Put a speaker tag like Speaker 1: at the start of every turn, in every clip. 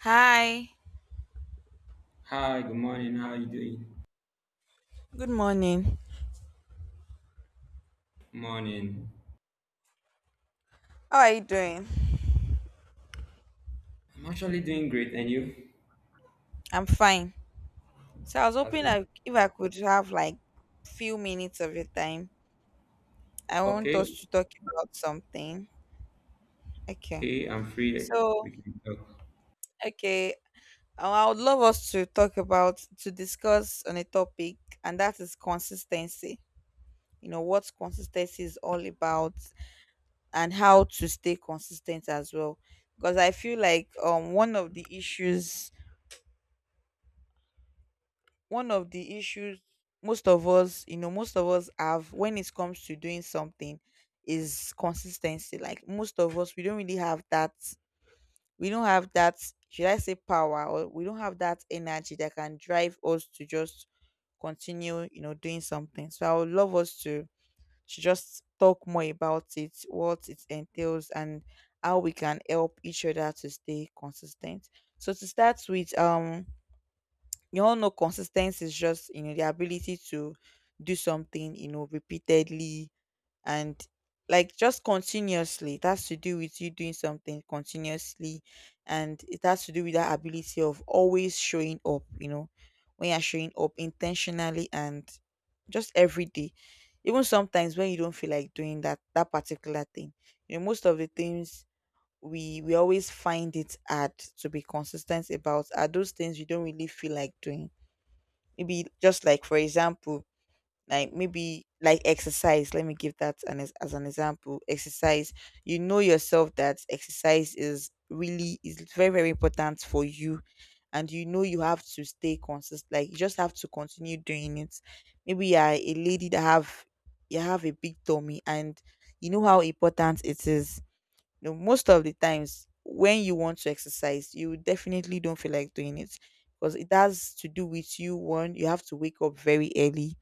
Speaker 1: Hi,
Speaker 2: Hi, good morning. How are you doing?
Speaker 1: good morning.
Speaker 2: Morning.
Speaker 1: How are you doing?
Speaker 2: I'm actually doing great, and you?
Speaker 1: I'm fine. So I was
Speaker 2: That's
Speaker 1: hoping
Speaker 2: good.
Speaker 1: if I could have like few minutes of your time. I want
Speaker 2: Okay,
Speaker 1: us to talk about something. Okay.
Speaker 2: okay, I'm free.
Speaker 1: So
Speaker 2: We can talk.
Speaker 1: okay, I would love us to talk about to discuss on a topic, and that is consistency. You know what consistency is all about, and how to stay consistent as well. Because I feel like one of the issues most of us most of us have when it comes to doing something is consistency. Like most of us, we don't have that, should I say, power, or we don't have that energy that can drive us to just continue doing something. So I would love us to just talk more about it, what it entails and how we can help each other to stay consistent. So to start with, you all know consistency is just, the ability to do something, repeatedly, and like just continuously. It has to do with you doing something continuously, and it has to do with that ability of always showing up, when you're showing up intentionally and just every day, even sometimes when you don't feel like doing that particular thing. Most of the things we always find it hard to be consistent about are those things you don't really feel like doing. Maybe just like, for example, like maybe like exercise. Let me give that as an example. Exercise. You know yourself that exercise is very, very important for you, and you know you have to stay consistent. Like you just have to continue doing it. Maybe you are a lady that have you have a big tummy, and you know how important it is. Most of the times when you want to exercise, you definitely don't feel like doing it, because it has to do with you. One, you have to wake up very early.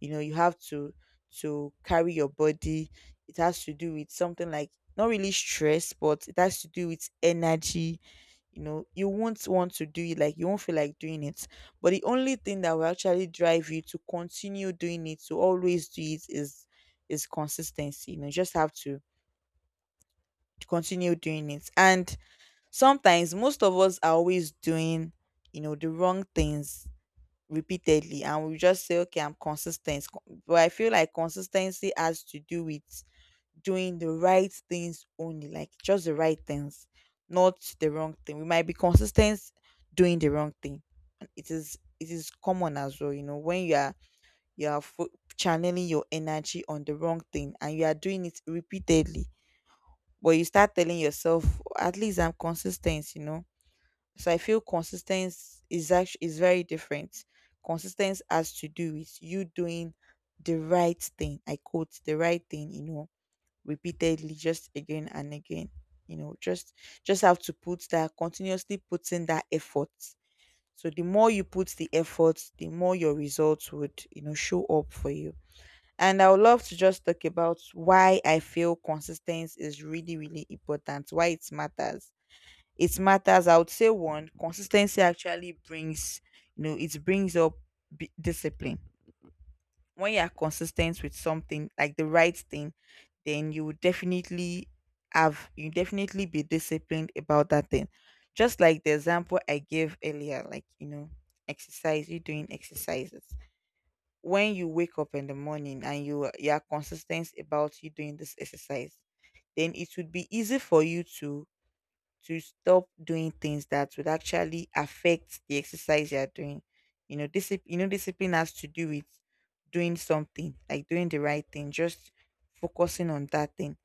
Speaker 1: You have to carry your body. It has to do with something like not really stress, but it has to do with energy. You won't want to do it, like you won't feel like doing it. But the only thing that will actually drive you to continue doing it, to always do it, is consistency. You just have to continue doing it. And sometimes most of us are always doing the wrong things repeatedly, and we just say, okay, I'm consistent. But I feel like consistency has to do with doing the right things only, like just the right things, not the wrong thing. We might be consistent doing the wrong thing, and it is common as well. You know, when you are you are fo- channeling your energy on the wrong thing and you are doing it repeatedly, but you start telling yourself, at least I'm consistent. So I feel consistency is actually is very different. Consistency has to do with you doing the right thing. I quote the right thing, repeatedly, just again and again. You know, just just have to put that, continuously putting that effort. So the more you put the effort, the more your results would, show up for you. And I would love to just talk about why I feel consistency is really, really important, why it matters. I would say, one, consistency actually brings up, discipline. When you are consistent with something like the right thing, then you will definitely have you definitely be disciplined about that thing. Just like the example I gave earlier, like, exercise, you doing exercises. When you wake up in the morning and you are consistent about you doing this exercise, then it would be easy for you to stop doing things that would actually affect the exercise you are doing. You know, discipline. Discipline has to do with doing something, like doing the right thing, just focusing on that thing,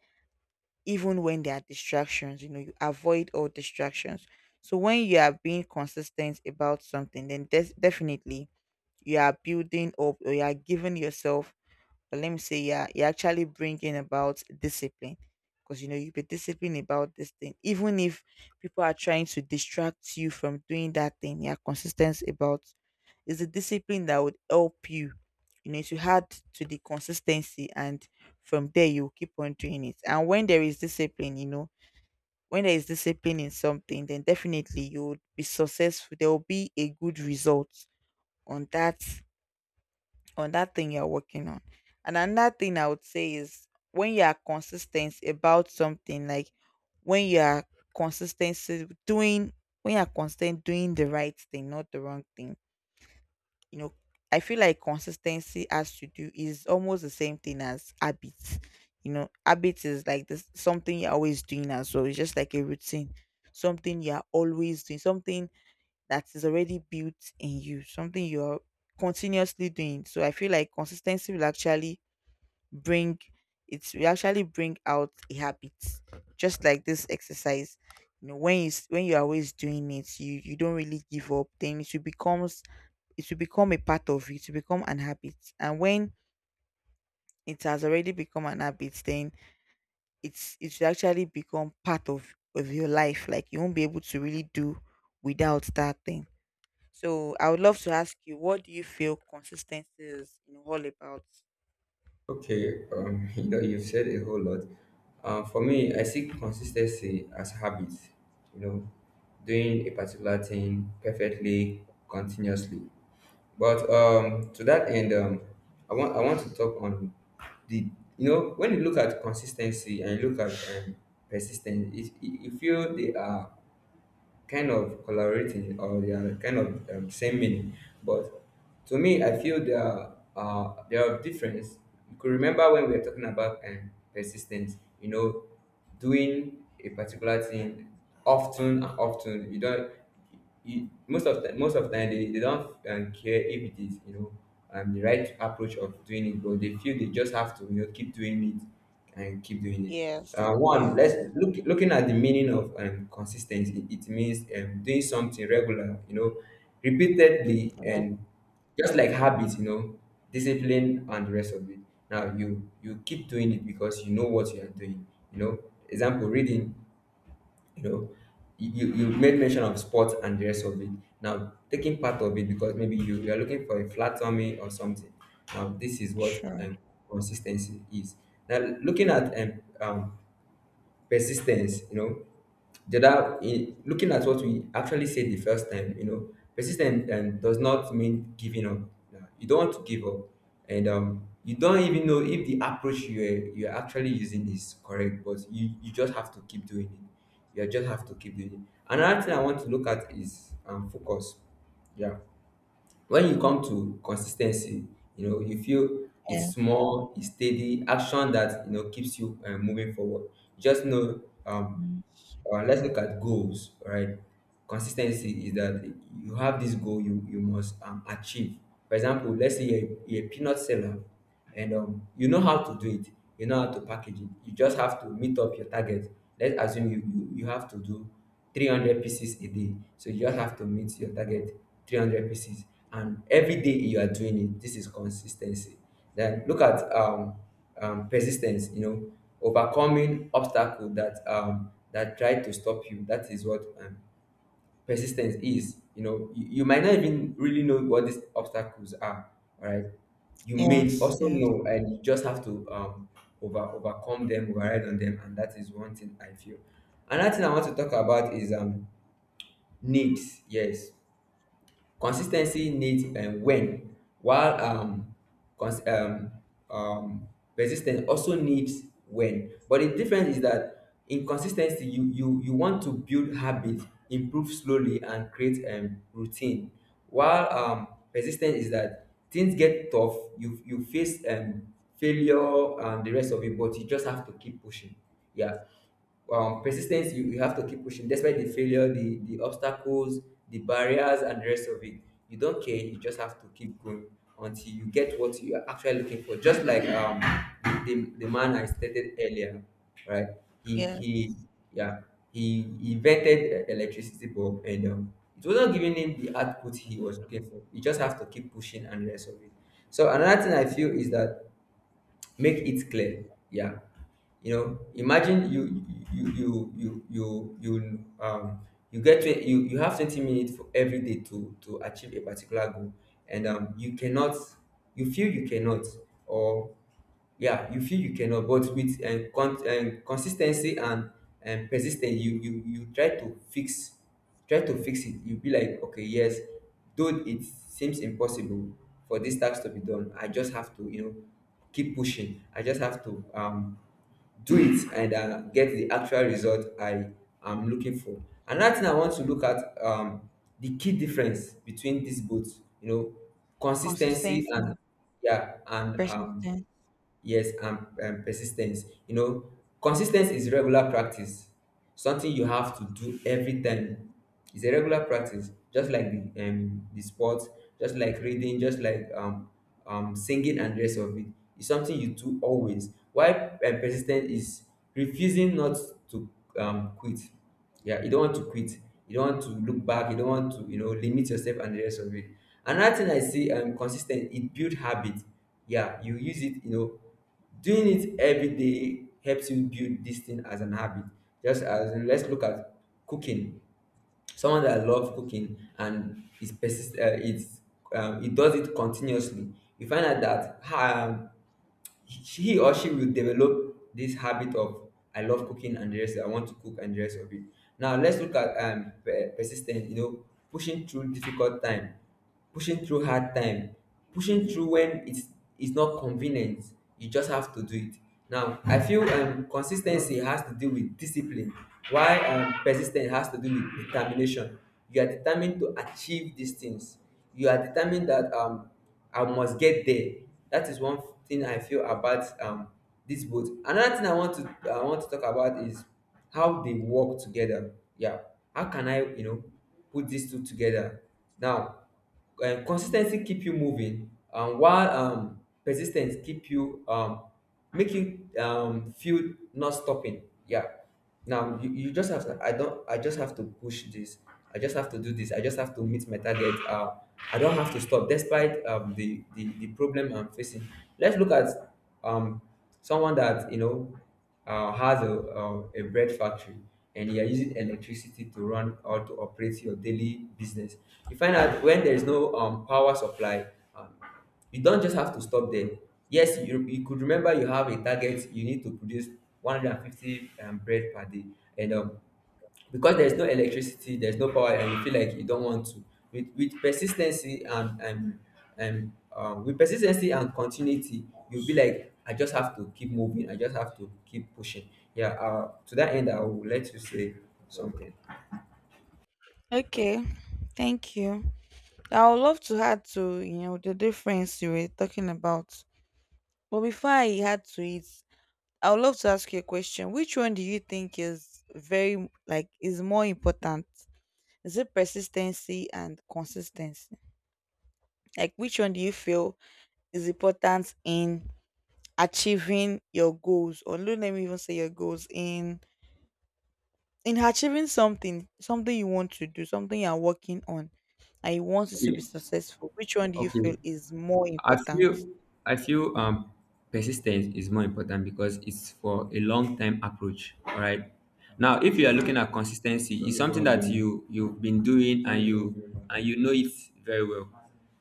Speaker 1: even when there are distractions. You avoid all distractions. So when you are being consistent about something, then definitely you are building up or you are giving yourself, but let me say, yeah, you're actually bringing about discipline, because you know you be disciplined about this thing, even if people are trying to distract you from doing that thing. You're consistent about is the discipline that would help you. To add to the consistency, and from there you keep on doing it. And when there is discipline in something, then definitely you would be successful. There will be a good result on that thing you're working on. And another thing I would say is when you are consistent about something, like when you are consistency doing consistent doing the right thing, not the wrong thing. You know, I feel like consistency has to do is almost the same thing as habits. Habits is like this something you're always doing as well. It's just like a routine, something you're always doing, something that is already built in you, something you're continuously doing. So I feel like consistency will actually bring it will actually bring out a habit, just like this exercise. When you when you're always doing it, you don't really give up. Then it will become a part of you, it will become an habit. And when it has already become an habit, then it should actually become part of your life. Like you won't be able to really do without that thing. So I would love to ask you, what do you feel consistency is, all about?
Speaker 2: Okay, you know, you've said a whole lot. For me, I see consistency as habit. You know, doing a particular thing perfectly, continuously. But to that end, I want to talk on the, you know, when you look at consistency and you look at persistence, you feel they are kind of collaborating, or they are kind of same meaning. But to me, I feel there are difference. You could remember when we were talking about persistence, you know, doing a particular thing often and often. You don't, you, most of the time they don't care if it is, you know, the right approach of doing it, but they feel they just have to, you know, keep doing it and keep doing it.
Speaker 1: Yes,
Speaker 2: One, let's
Speaker 1: yes,
Speaker 2: looking at the meaning of consistency. It means doing something regular, you know, repeatedly, and just like habits, you know, discipline and the rest of it. Now you keep doing it because you know what you are doing, you know. Example, reading. You know, you you made mention of sports and the rest of it. Now, taking part of it because maybe you are looking for a flat tummy or something. Now this is what
Speaker 1: sure.
Speaker 2: consistency is. Now, looking at persistence, you know, the other, in looking at what we actually said the first time, you know, persistence does not mean giving up. Yeah, you don't want to give up, and you don't even know if the approach you're actually using is correct, but you just have to keep doing it, you just have to keep doing it. Another thing I want to look at is focus. Yeah. When you come to consistency, you know, you feel it's
Speaker 1: Yes,
Speaker 2: small, it's steady action that, you know, keeps you moving forward. Just know,
Speaker 1: mm,
Speaker 2: let's look at goals, right? Consistency is that you have this goal you must achieve. For example, let's say you're a peanut seller, and you know how to do it, you know how to package it. You just have to meet up your target. Let's assume you have to do 300 pieces a day, so you just have to meet your target, 300 pieces. And every day you are doing it. This is consistency. Then look at persistence, you know, overcoming obstacle that that try to stop you. That is what persistence is. You know, you might not even really know what these obstacles are, all right? You may
Speaker 1: yes,
Speaker 2: also
Speaker 1: yes,
Speaker 2: know, and you just have to overcome them, override on them. And that is one thing I feel. Another thing I want to talk about is needs. Yes. Consis ten cy needs when, while cons um persis ten ce also needs when. But the difference is that in consis ten cy you want to build habit, improve slowly and create routine, while persis ten ce is that things get tough, you face failure and the rest of it, but you just have to keep pushing. Yeah. Persistence, you have to keep pushing despite the failure, the obstacles, the barriers and the rest of it. You don't care, you just have to keep going until you get what you are actually looking for. Just like the man I stated earlier, right? he
Speaker 1: yes.
Speaker 2: he yeah he invented electricity bulb, and it wasn't giving him the output he was looking for. You just have to keep pushing and the rest of it. So another thing I feel is that, make it clear, yeah, you know, imagine you you you you you um you get to, you have 20 minutes for every day to achieve a particular goal. And you cannot, you feel you cannot, or yeah, you feel you cannot. But with consistency and persistence you try to fix, try to fix it. You be like, okay, yes, though it seems impossible for this task to be done, I just have to, you know, keep pushing, I just have to do it and get the actual result I am looking for. Another thing I want to look at, the key difference between these both, you know, consistency
Speaker 1: Consistency, and
Speaker 2: and, yeah, and
Speaker 1: persistence.
Speaker 2: and persistence, you know. Consistency is regular practice, something you have to do every time. It's a regular practice, just like the sport, just like reading, just like singing and rest of it. It's something you do always. Why persistence is refusing not to quit. Yeah, you don't want to quit. You don't want to look back. You don't want to, you know, limit yourself and the rest of it. Another thing I see, consistent, it build habit. Yeah, you use it. You know, doing it every day helps you build this thing as an habit. Just as, let's look at cooking. Someone that loves cooking and is persist. It's it does it continuously. You find out that she he or she will develop this habit of I love cooking and the rest, I want to cook and the rest of it. Now let's look at persistence. You know, pushing through difficult time, pushing through hard time, pushing through when it's not convenient. You just have to do it. Now I feel consistency has to do with discipline, why persistence has to do with determination. You are determined to achieve these things. You are determined that I must get there. That is one thing I feel about this boat. Another thing I want to talk about is how they work together. Yeah, how can I, you know, put these two together. Now consistency keep you moving, while persistence keep you, make you, feel not stopping. Yeah. Now you just have to, I don't, I just have to push this, I just have to do this, I just have to meet my target. I don't have to stop despite the problem I'm facing. Let's look at um, someone that, you know, has a bread factory, and you are using electricity to run or to operate your daily business. You find out when there is no power supply, um, you don't just have to stop there. Yes, you could remember you have a target, you need to produce 150 bread per day. And because there's no electricity, there's no power and you feel like you don't want to. With persistency and with persistency and continuity, you'll be like, I just have to keep moving, I just have to keep pushing. Yeah. To that end, I will let you say something.
Speaker 1: Okay, thank you. I would love to add to, the difference you were talking about. But before I add to it, I would love to ask you a question. Which one do you think like, is more important? Is it persistency and consistency? Like, which one do you feel is important in achieving your goals, or don't let me even say your goals, in achieving something, something you want to do, something you're working on, and you want it to be
Speaker 2: Okay.
Speaker 1: successful. Which one do you
Speaker 2: Okay,
Speaker 1: feel is more
Speaker 2: I
Speaker 1: important?
Speaker 2: feel I feel persistence is more important because it's for a long time approach. All right. Now, if you are looking
Speaker 1: Like,
Speaker 2: at consistency, it's something that you've been doing and you know it very well.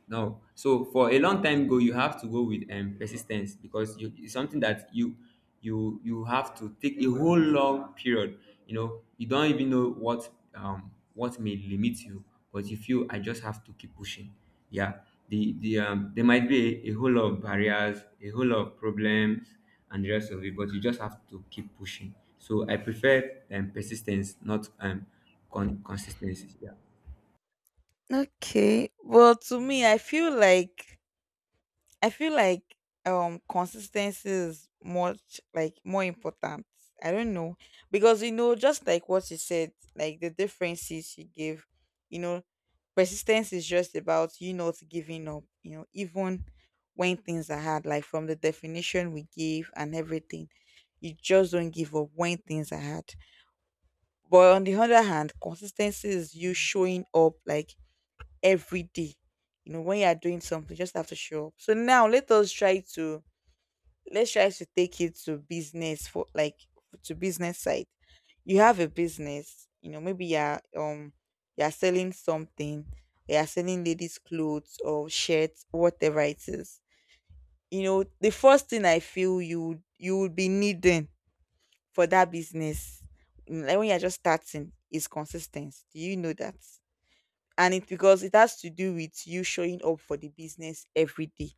Speaker 2: No, so for a long time go, you have to go with persistence, because you, it's something that you you have to take a whole long period. You know, you don't even know what may limit you, but you feel I just have to keep pushing. Yeah, there might be a whole lot of barriers, a whole lot of problems and the rest of it, but you just have to keep pushing. So I prefer persistence, not consistency. Yeah.
Speaker 1: okay, well, to me, I feel like consistency is much more important. I don't know, because just like what you said, like the differences you gave you know Persistence is just about you not giving up, even when things are hard, like from the definition we gave and everything. You just don't give up when things are hard. But on the other hand, consistency is you showing up like every day. When you are doing something, you just have to show up. So now let's try to take it to business side. You have a business, maybe you're selling something. You're selling ladies' clothes or shirts, whatever it is. The first thing I feel you would be needing for that business, like when you're just starting, is consistency, do you know that? And it, because it has to do with you showing up for the business every day.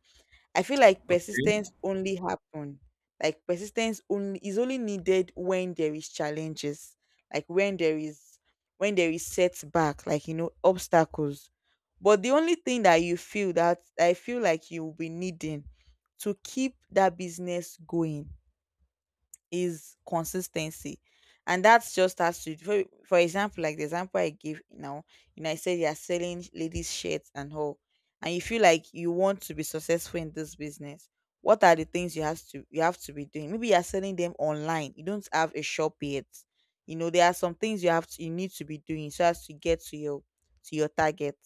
Speaker 1: I feel like
Speaker 2: Okay.
Speaker 1: persistence only happen. Like persistence only needed when there is challenges, like when there is setback, like, obstacles. But the only thing that I feel like you will be needing to keep that business going is consistency. And that's just has to, for example, like the example I gave now, I said you are selling ladies' shirts and all, and you feel like you want to be successful in this business. What are the things you have to be doing? Maybe you are selling them online. You don't have a shop yet. There are some things you need to be doing, so as to get to your target,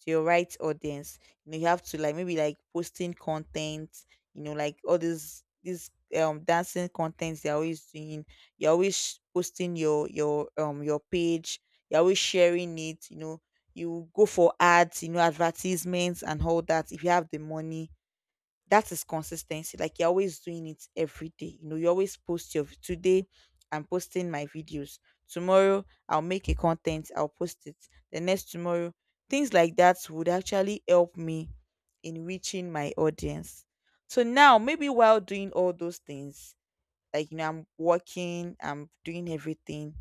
Speaker 1: to your right audience. You know, you have to like maybe like posting content, you know, like all these dancing contents they're always doing. You're always posting your your page. You're always sharing it, you know. You go for ads, you know, advertisements and all that, if you have the money. That is consistency, like you're always doing it every day, you know. You always post your today. I'm posting my videos. Tomorrow I'll make a content, I'll post it. The next tomorrow. Things like that would actually help me in reaching my audience. So now maybe while doing all those things, like, you know, I'm working, I'm doing everything,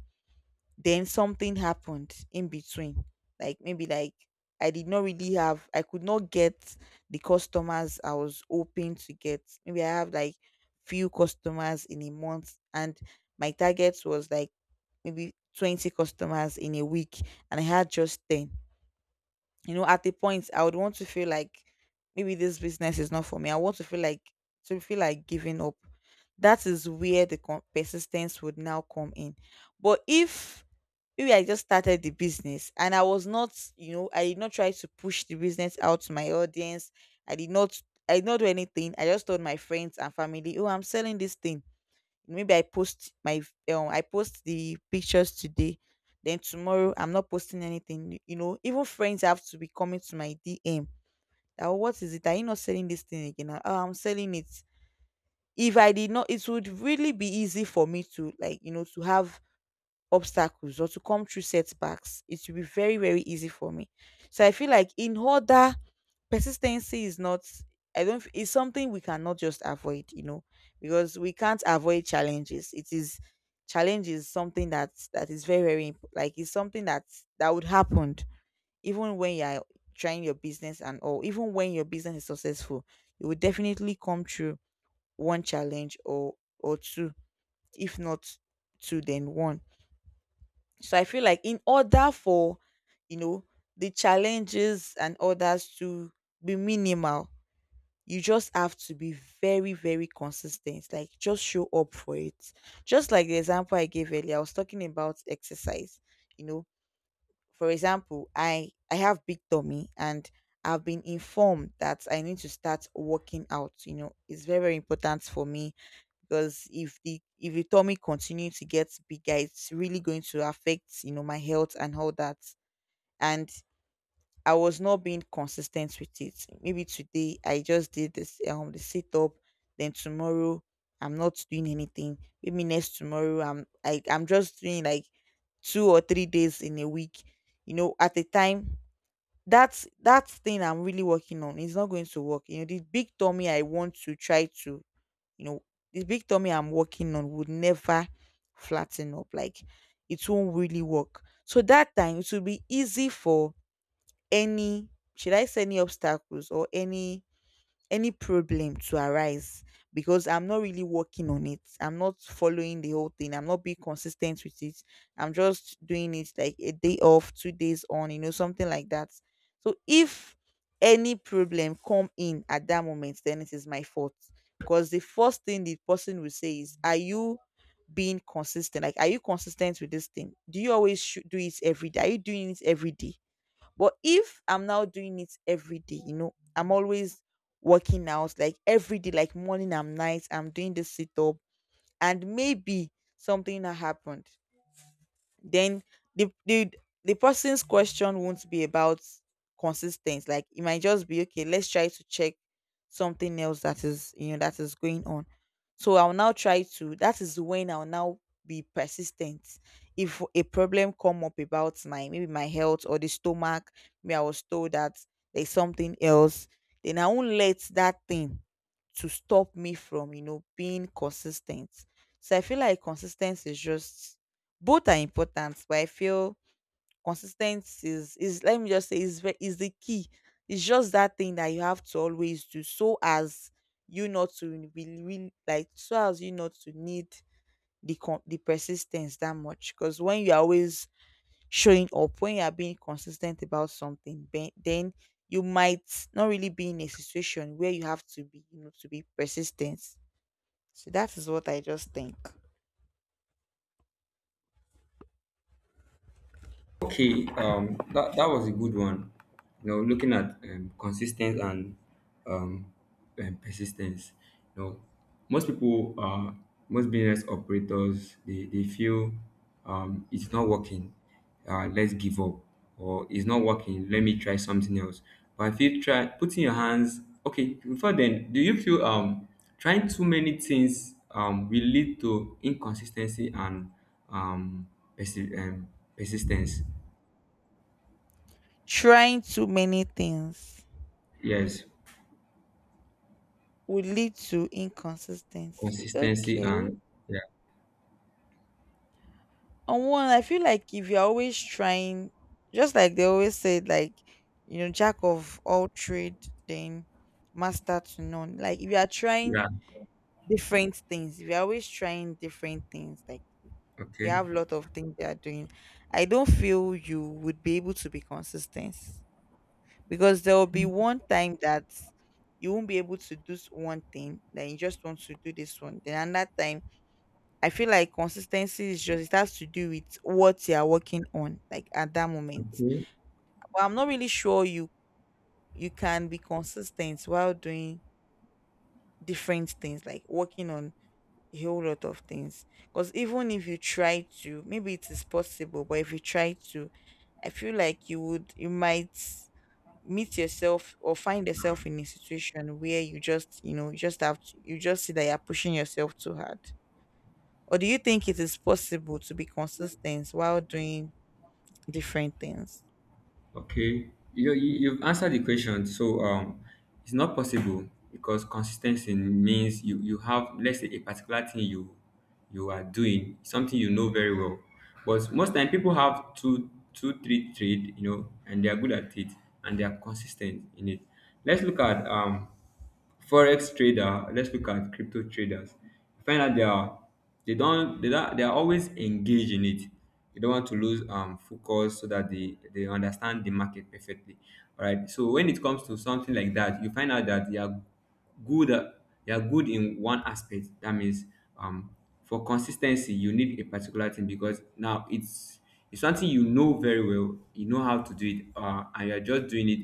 Speaker 1: then something happened in between. Like maybe like I did not really have, I could not get the customers I was hoping to get. Maybe I have like few customers in a month, and my target was like maybe 20 customers in a week, and I had just 10. You know, at a point I would want to feel like maybe this business is not for me. I want to feel like giving up. That is where the persistence would now come in. But if maybe I just started the business and I was not, you know, I did not try to push the business out to my audience. I did not, I did not do anything. I just told my friends and family, oh, I'm selling this thing. Maybe I post my, I post the pictures today, then tomorrow I'm not posting anything. You know, even friends have to be coming to my DM, oh, what is it, are you not selling this thing again? "Ah, oh, I'm selling it." If I did not, it would really be easy for me to like, you know, to have obstacles or to come through setbacks. It would be very, very easy for me. So I feel like in order, persistency is not, I don't f- it's something we cannot just avoid, you know, because we can't avoid challenges. It is, challenge is something that is very, very like it's something that that would happen even when you are trying your business, and or even when your business is successful, you will definitely come through one challenge or two, if not two then one. So I feel like in order for, you know, the challenges and others to be minimal, you just have to be very, very consistent, like just show up for it. Just like the example I gave earlier, I was talking about exercise. You know, for example, I have big tummy, and I've been informed that I need to start working out. You know, it's very, very important for me, because if the tummy continue to get bigger, it's really going to affect, you know, my health and all that. And I was not being consistent with it. Maybe today I just did this the sit up, then tomorrow I'm not doing anything. Maybe next tomorrow I'm just doing like 2 or 3 days in a week. You know, at a time that's that thing I'm really working on, it's not going to work. You know, the big tummy I want to try to, you know, the big tummy I'm working on would never flatten up. Like it won't really work. So that time it will be easy for any, should I say any obstacles or any problem to arise, because I'm not really working on it. I'm not following the whole thing. I'm not being consistent with it. I'm just doing it like a day off, 2 days on, you know, something like that. So if any problem come in at that moment, then it is my fault. Because the first thing the person will say is, are you being consistent? Like, are you consistent with this thing? Do you always do it every day? Are you doing it every day? But if I'm now doing it every day, you know, I'm always working out like every day, like morning and night, I'm doing this sit up, and maybe something that happened, then the the the person's question won't be about consistency. Like it might just be okay, let's try to check something else that is, you know, that is going on. So I'll now try to, that is when I'll now be persistent. If a problem come up about my, maybe my health or the stomach, maybe I was told that there's something else, then I won't let that thing to stop me from, you know, being consistent. So I feel like consistency is just, both are important, but I feel consistency is, let me just say is is the key. It's just that thing that you have to always do, so as you not to be really like, so as you not to need the the persistence that much. Because when you're always showing up, when you are being consistent about something, then you might not really be in a situation where you have to be, you know, to be persistent. So that is what I just think.
Speaker 2: Okay, that was a good one. You know, looking at consistent and um, persistence. You know, most people, most business operators, they feel it's not working. Let's give up, or it's not working. Let me try something else. But if you try putting your hands, okay, before then, do you feel trying too many things will lead to inconsistency and um, persi- um persistence?
Speaker 1: Trying too many things
Speaker 2: Yes,
Speaker 1: would lead to inconsistency.
Speaker 2: consistency,
Speaker 1: Okay.
Speaker 2: and yeah,
Speaker 1: On one, I feel like if you're always trying, just like they always said, like, you know, jack of all trade, then master to none. Like, if you are trying
Speaker 2: yeah.
Speaker 1: different things, if you're always trying different things, like, you
Speaker 2: Okay,
Speaker 1: have a lot of things you are doing, I don't feel you would be able to be consistent, because there will be one time that you won't be able to do one thing, then you just want to do this one, then another time. I feel like consistency is just, it has to do with what you are working on, like at that moment.
Speaker 2: okay,
Speaker 1: But I'm not really sure you, you can be consistent while doing different things, like working on a whole lot of things. Because even if you try to, maybe it is possible, but if you try to, I feel like you would, you might meet yourself or find yourself in a situation where you just, you know, you just have to, you just see that you're pushing yourself too hard. Or do you think it is possible to be consistent while doing different things?
Speaker 2: okay. You you've answered the question. So it's not possible because consistency means you have, let's say, a particular thing you you are doing, something you know very well. But most time people have two two three trade, you know, and they are good at it and they are consistent in it. Let's look at forex trader, let's look at crypto traders. You find out they are, they don't they are always engaged in it. They don't want to lose focus so that they understand the market perfectly. All right, so when it comes to something like that, you find out that they are good at, they are good in one aspect. That means um for consistency you need a particular thing, because now it's something you know very well. You know how to do it, and you're just doing it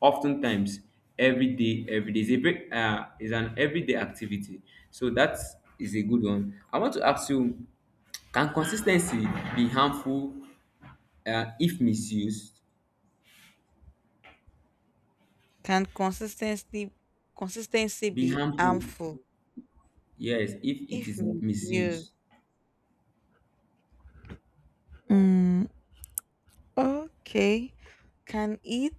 Speaker 2: oftentimes. Every day, every day is a break, is an everyday activity. So that is a good one. I want to ask you, can consistency be harmful, if misused?
Speaker 1: Can consistency, consistency
Speaker 2: Be
Speaker 1: be
Speaker 2: harmful,
Speaker 1: harmful
Speaker 2: yes, if it
Speaker 1: if
Speaker 2: is
Speaker 1: misused?
Speaker 2: misused.
Speaker 1: Okay. Can it?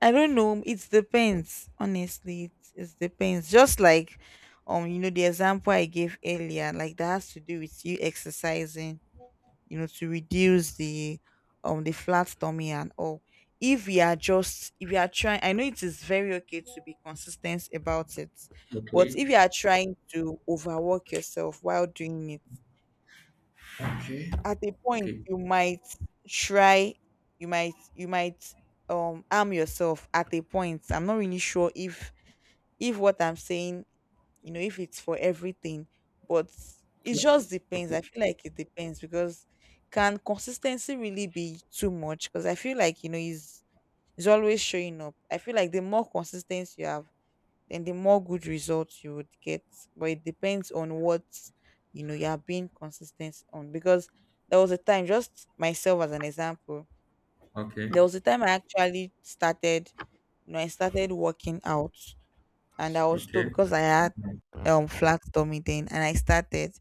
Speaker 1: I don't know. It depends. Honestly, it depends. Just like you know, the example I gave earlier, like that has to do with you exercising, you know, to reduce the flat tummy and all. If we are just, if we are trying, I know it is very okay to be consistent about it, but
Speaker 2: Okay.
Speaker 1: if you are trying to overwork yourself while doing it,
Speaker 2: Okay.
Speaker 1: at a point
Speaker 2: Okay,
Speaker 1: you might try, you might harm yourself at a point. I'm not really sure if what I'm saying, you know, if it's for everything. But it
Speaker 2: okay,
Speaker 1: just depends.
Speaker 2: okay,
Speaker 1: I feel like it depends, because can consistency really be too much? Because I feel like, you know, it's always showing up. I feel like the more consistency you have, then the more good results you would get. But it depends on what, you know, you are being consistent on. Because there was a time, just myself as an example,
Speaker 2: okay,
Speaker 1: there was a time I actually started, you know, I started working out, and I was told
Speaker 2: okay.
Speaker 1: because I had flat tummy then, and I started.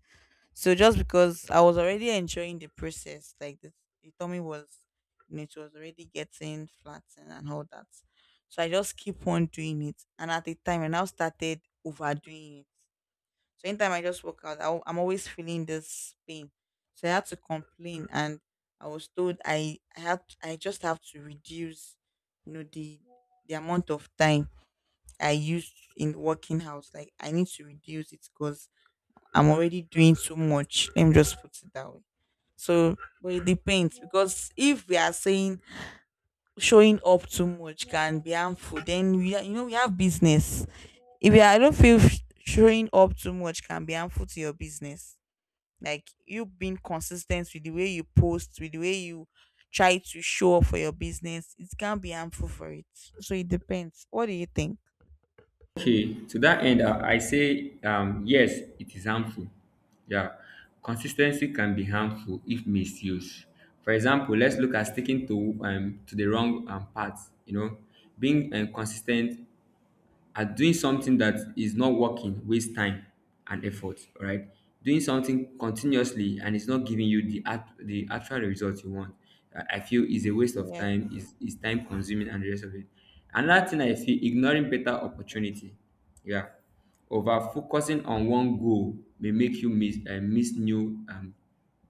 Speaker 1: So just because I was already enjoying the process, like the tummy was, you know, it was already getting flattened and all that. So I just keep on doing it. And at the time I now started overdoing it. So anytime I just work out, I am always feeling this pain. So I had to complain, and I was told I had I just have to reduce, you know, the amount of time I used in working out. Like I need to reduce it, because I'm already doing too much. Let me just put it that way. So, but it depends, because if we are saying showing up too much can be harmful, then we are, you know, we have business. If you are, I don't feel showing up too much can be harmful to your business. Like you being consistent with the way you post, with the way you try to show up for your business, it can be harmful for it. So it depends. What do you think?
Speaker 2: Okay, to that end, I say, yes, it is harmful. Yeah, consistency can be harmful if misused. For example, let's look at sticking to, to the wrong path. You know, being consistent at doing something that is not working waste time and effort, right? Doing something continuously and it's not giving you the act, the actual result you want, I feel is a waste of
Speaker 1: Yeah.
Speaker 2: time, is time consuming and the rest of it. Another thing I feel, ignoring better opportunity, yeah, over focusing on one goal may make you miss, miss new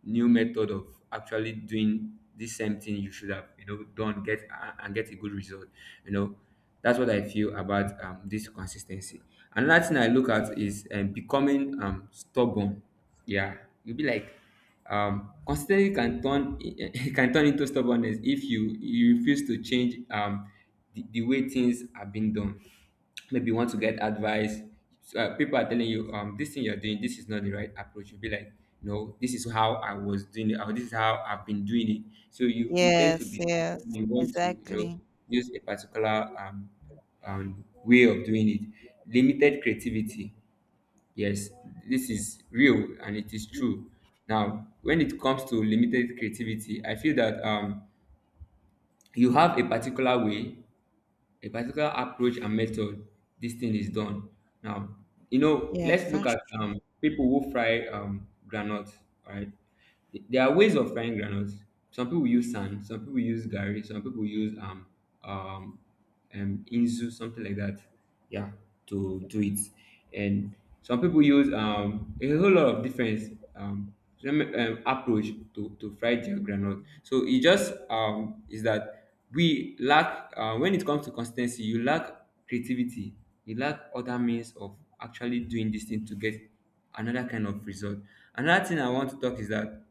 Speaker 2: new method of actually doing the same thing you should have, you know, done get a- and get a good result, you know. That's what I feel about, this consistency. Another thing I look at is, becoming stubborn. Yeah, you'll be like, consistency can turn it can turn into stubbornness if you refuse to change, the way things are being done. Maybe you want to get advice. So, people are telling you, um, this thing you're doing, this is not the right approach. You'll be like, no, this is how I was doing it, or this is how I've been doing it. So you tend to
Speaker 1: Yes,
Speaker 2: be,
Speaker 1: yes,
Speaker 2: you want to, you know,
Speaker 1: exactly.
Speaker 2: use a particular way of doing it. Limited creativity, yes, this is real and it is true. Now when it comes to limited creativity, I feel that, um, you have a particular way, a particular approach and method this thing is done. Now, you know,
Speaker 1: Yes,
Speaker 2: let's look
Speaker 1: that's
Speaker 2: at people who fry granules. All right, there are ways of frying granules. Some people use sand, some people use gari, some people use um inzu, something like that, yeah, to do it. And some people use a whole lot of different, approach to fry their groundnut. So it just, um, is that we lack, when it comes to consistency you lack creativity, you lack other means of actually doing this thing to get another kind of result. Another thing I want to talk is that,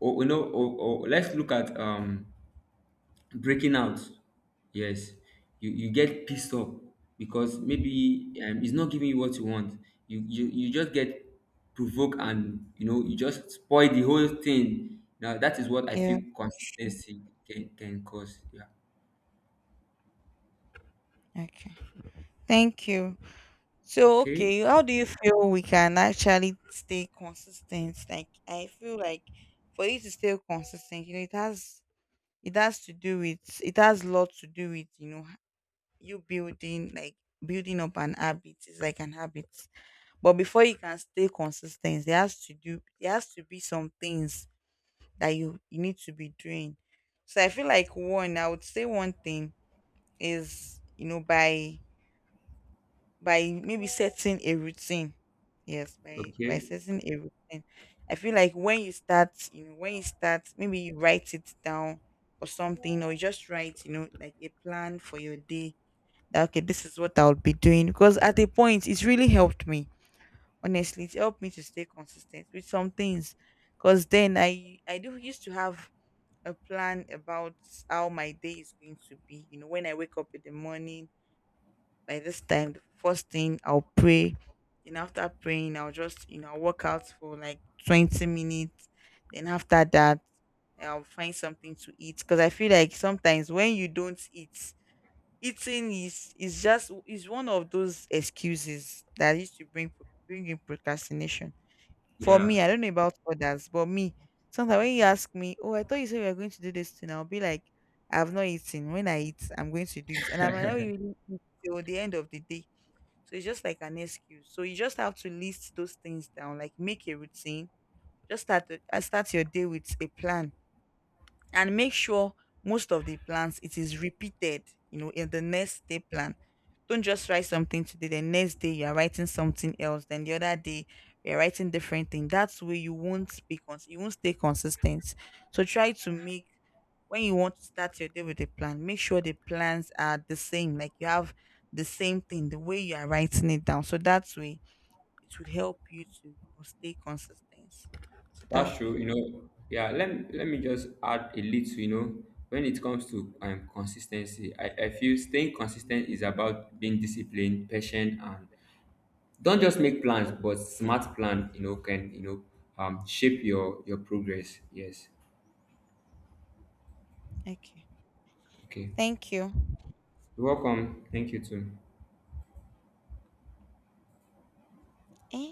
Speaker 2: oh, you know, oh, oh, let's look at breaking out, yes. You get pissed off because maybe, it's not giving you what you want. You, you just get provoked, and you know you just spoil the whole thing. Now that is what I
Speaker 1: yeah,
Speaker 2: feel
Speaker 1: that's true.
Speaker 2: consistency can cause, yeah.
Speaker 1: Okay. Thank you. So,
Speaker 2: Okay.
Speaker 1: okay, how do you feel we can actually stay consistent? Like, I feel like for you to stay consistent, you know, it has, it has to do with, it has lot to do with, you know, you building like building up an habit, is like an habit. But before you can stay consistent, there has to do, there has to be some things that you need to be doing. So I feel like one, I would say one thing is, you know, by maybe setting a routine. Yes, by
Speaker 2: Okay.
Speaker 1: setting a routine. I feel like when you start, you know, when you start, maybe you write it down or something, or you just write, you know, like a plan for your day. That okay, this is what I'll be doing. Because at a point, it's really helped me. Honestly, it helped me to stay consistent with some things. Because then I do used to have a plan about how my day is going to be. You know, when I wake up in the morning, by this time, the first thing I'll pray. Then after praying, I'll just, you know, I'll work out for like 20 minutes. Then after that, I'll find something to eat. Because I feel like sometimes when you don't eat, eating is just is one of those excuses that used to bring in procrastination. For me,
Speaker 2: Yeah,
Speaker 1: I don't know about others, but me, sometimes when you ask me, oh, I thought you said we are going to do this thing, I'll be like, I've not eaten. When I eat, I'm going to do it. And I might not really eat till the end of the day. So it's just like an excuse. So you just have to list those things down, like make a routine. Just start, start your day with a plan, and make sure most of the plans it is repeated, you know, in the next day plan. Don't just write something today, the next day you're writing something else, then the other day you're writing different thing. That's where you won't be you won't stay consistent. So try to make, when you want to start your day with a plan, make sure the plans are the same, like you have the same thing the way you are writing it down. So that's way it would help you to, you know, stay consistent. So that'll
Speaker 2: that's
Speaker 1: be,
Speaker 2: true, you know. Yeah, let me just add a little, you know, when it comes to, consistency. I feel staying consistent is about being disciplined, patient, and don't just make plans but smart plan, you know, can, you know, shape your progress, yes.
Speaker 1: okay,
Speaker 2: Okay.
Speaker 1: thank you.
Speaker 2: You're welcome, thank you too.
Speaker 1: Eh?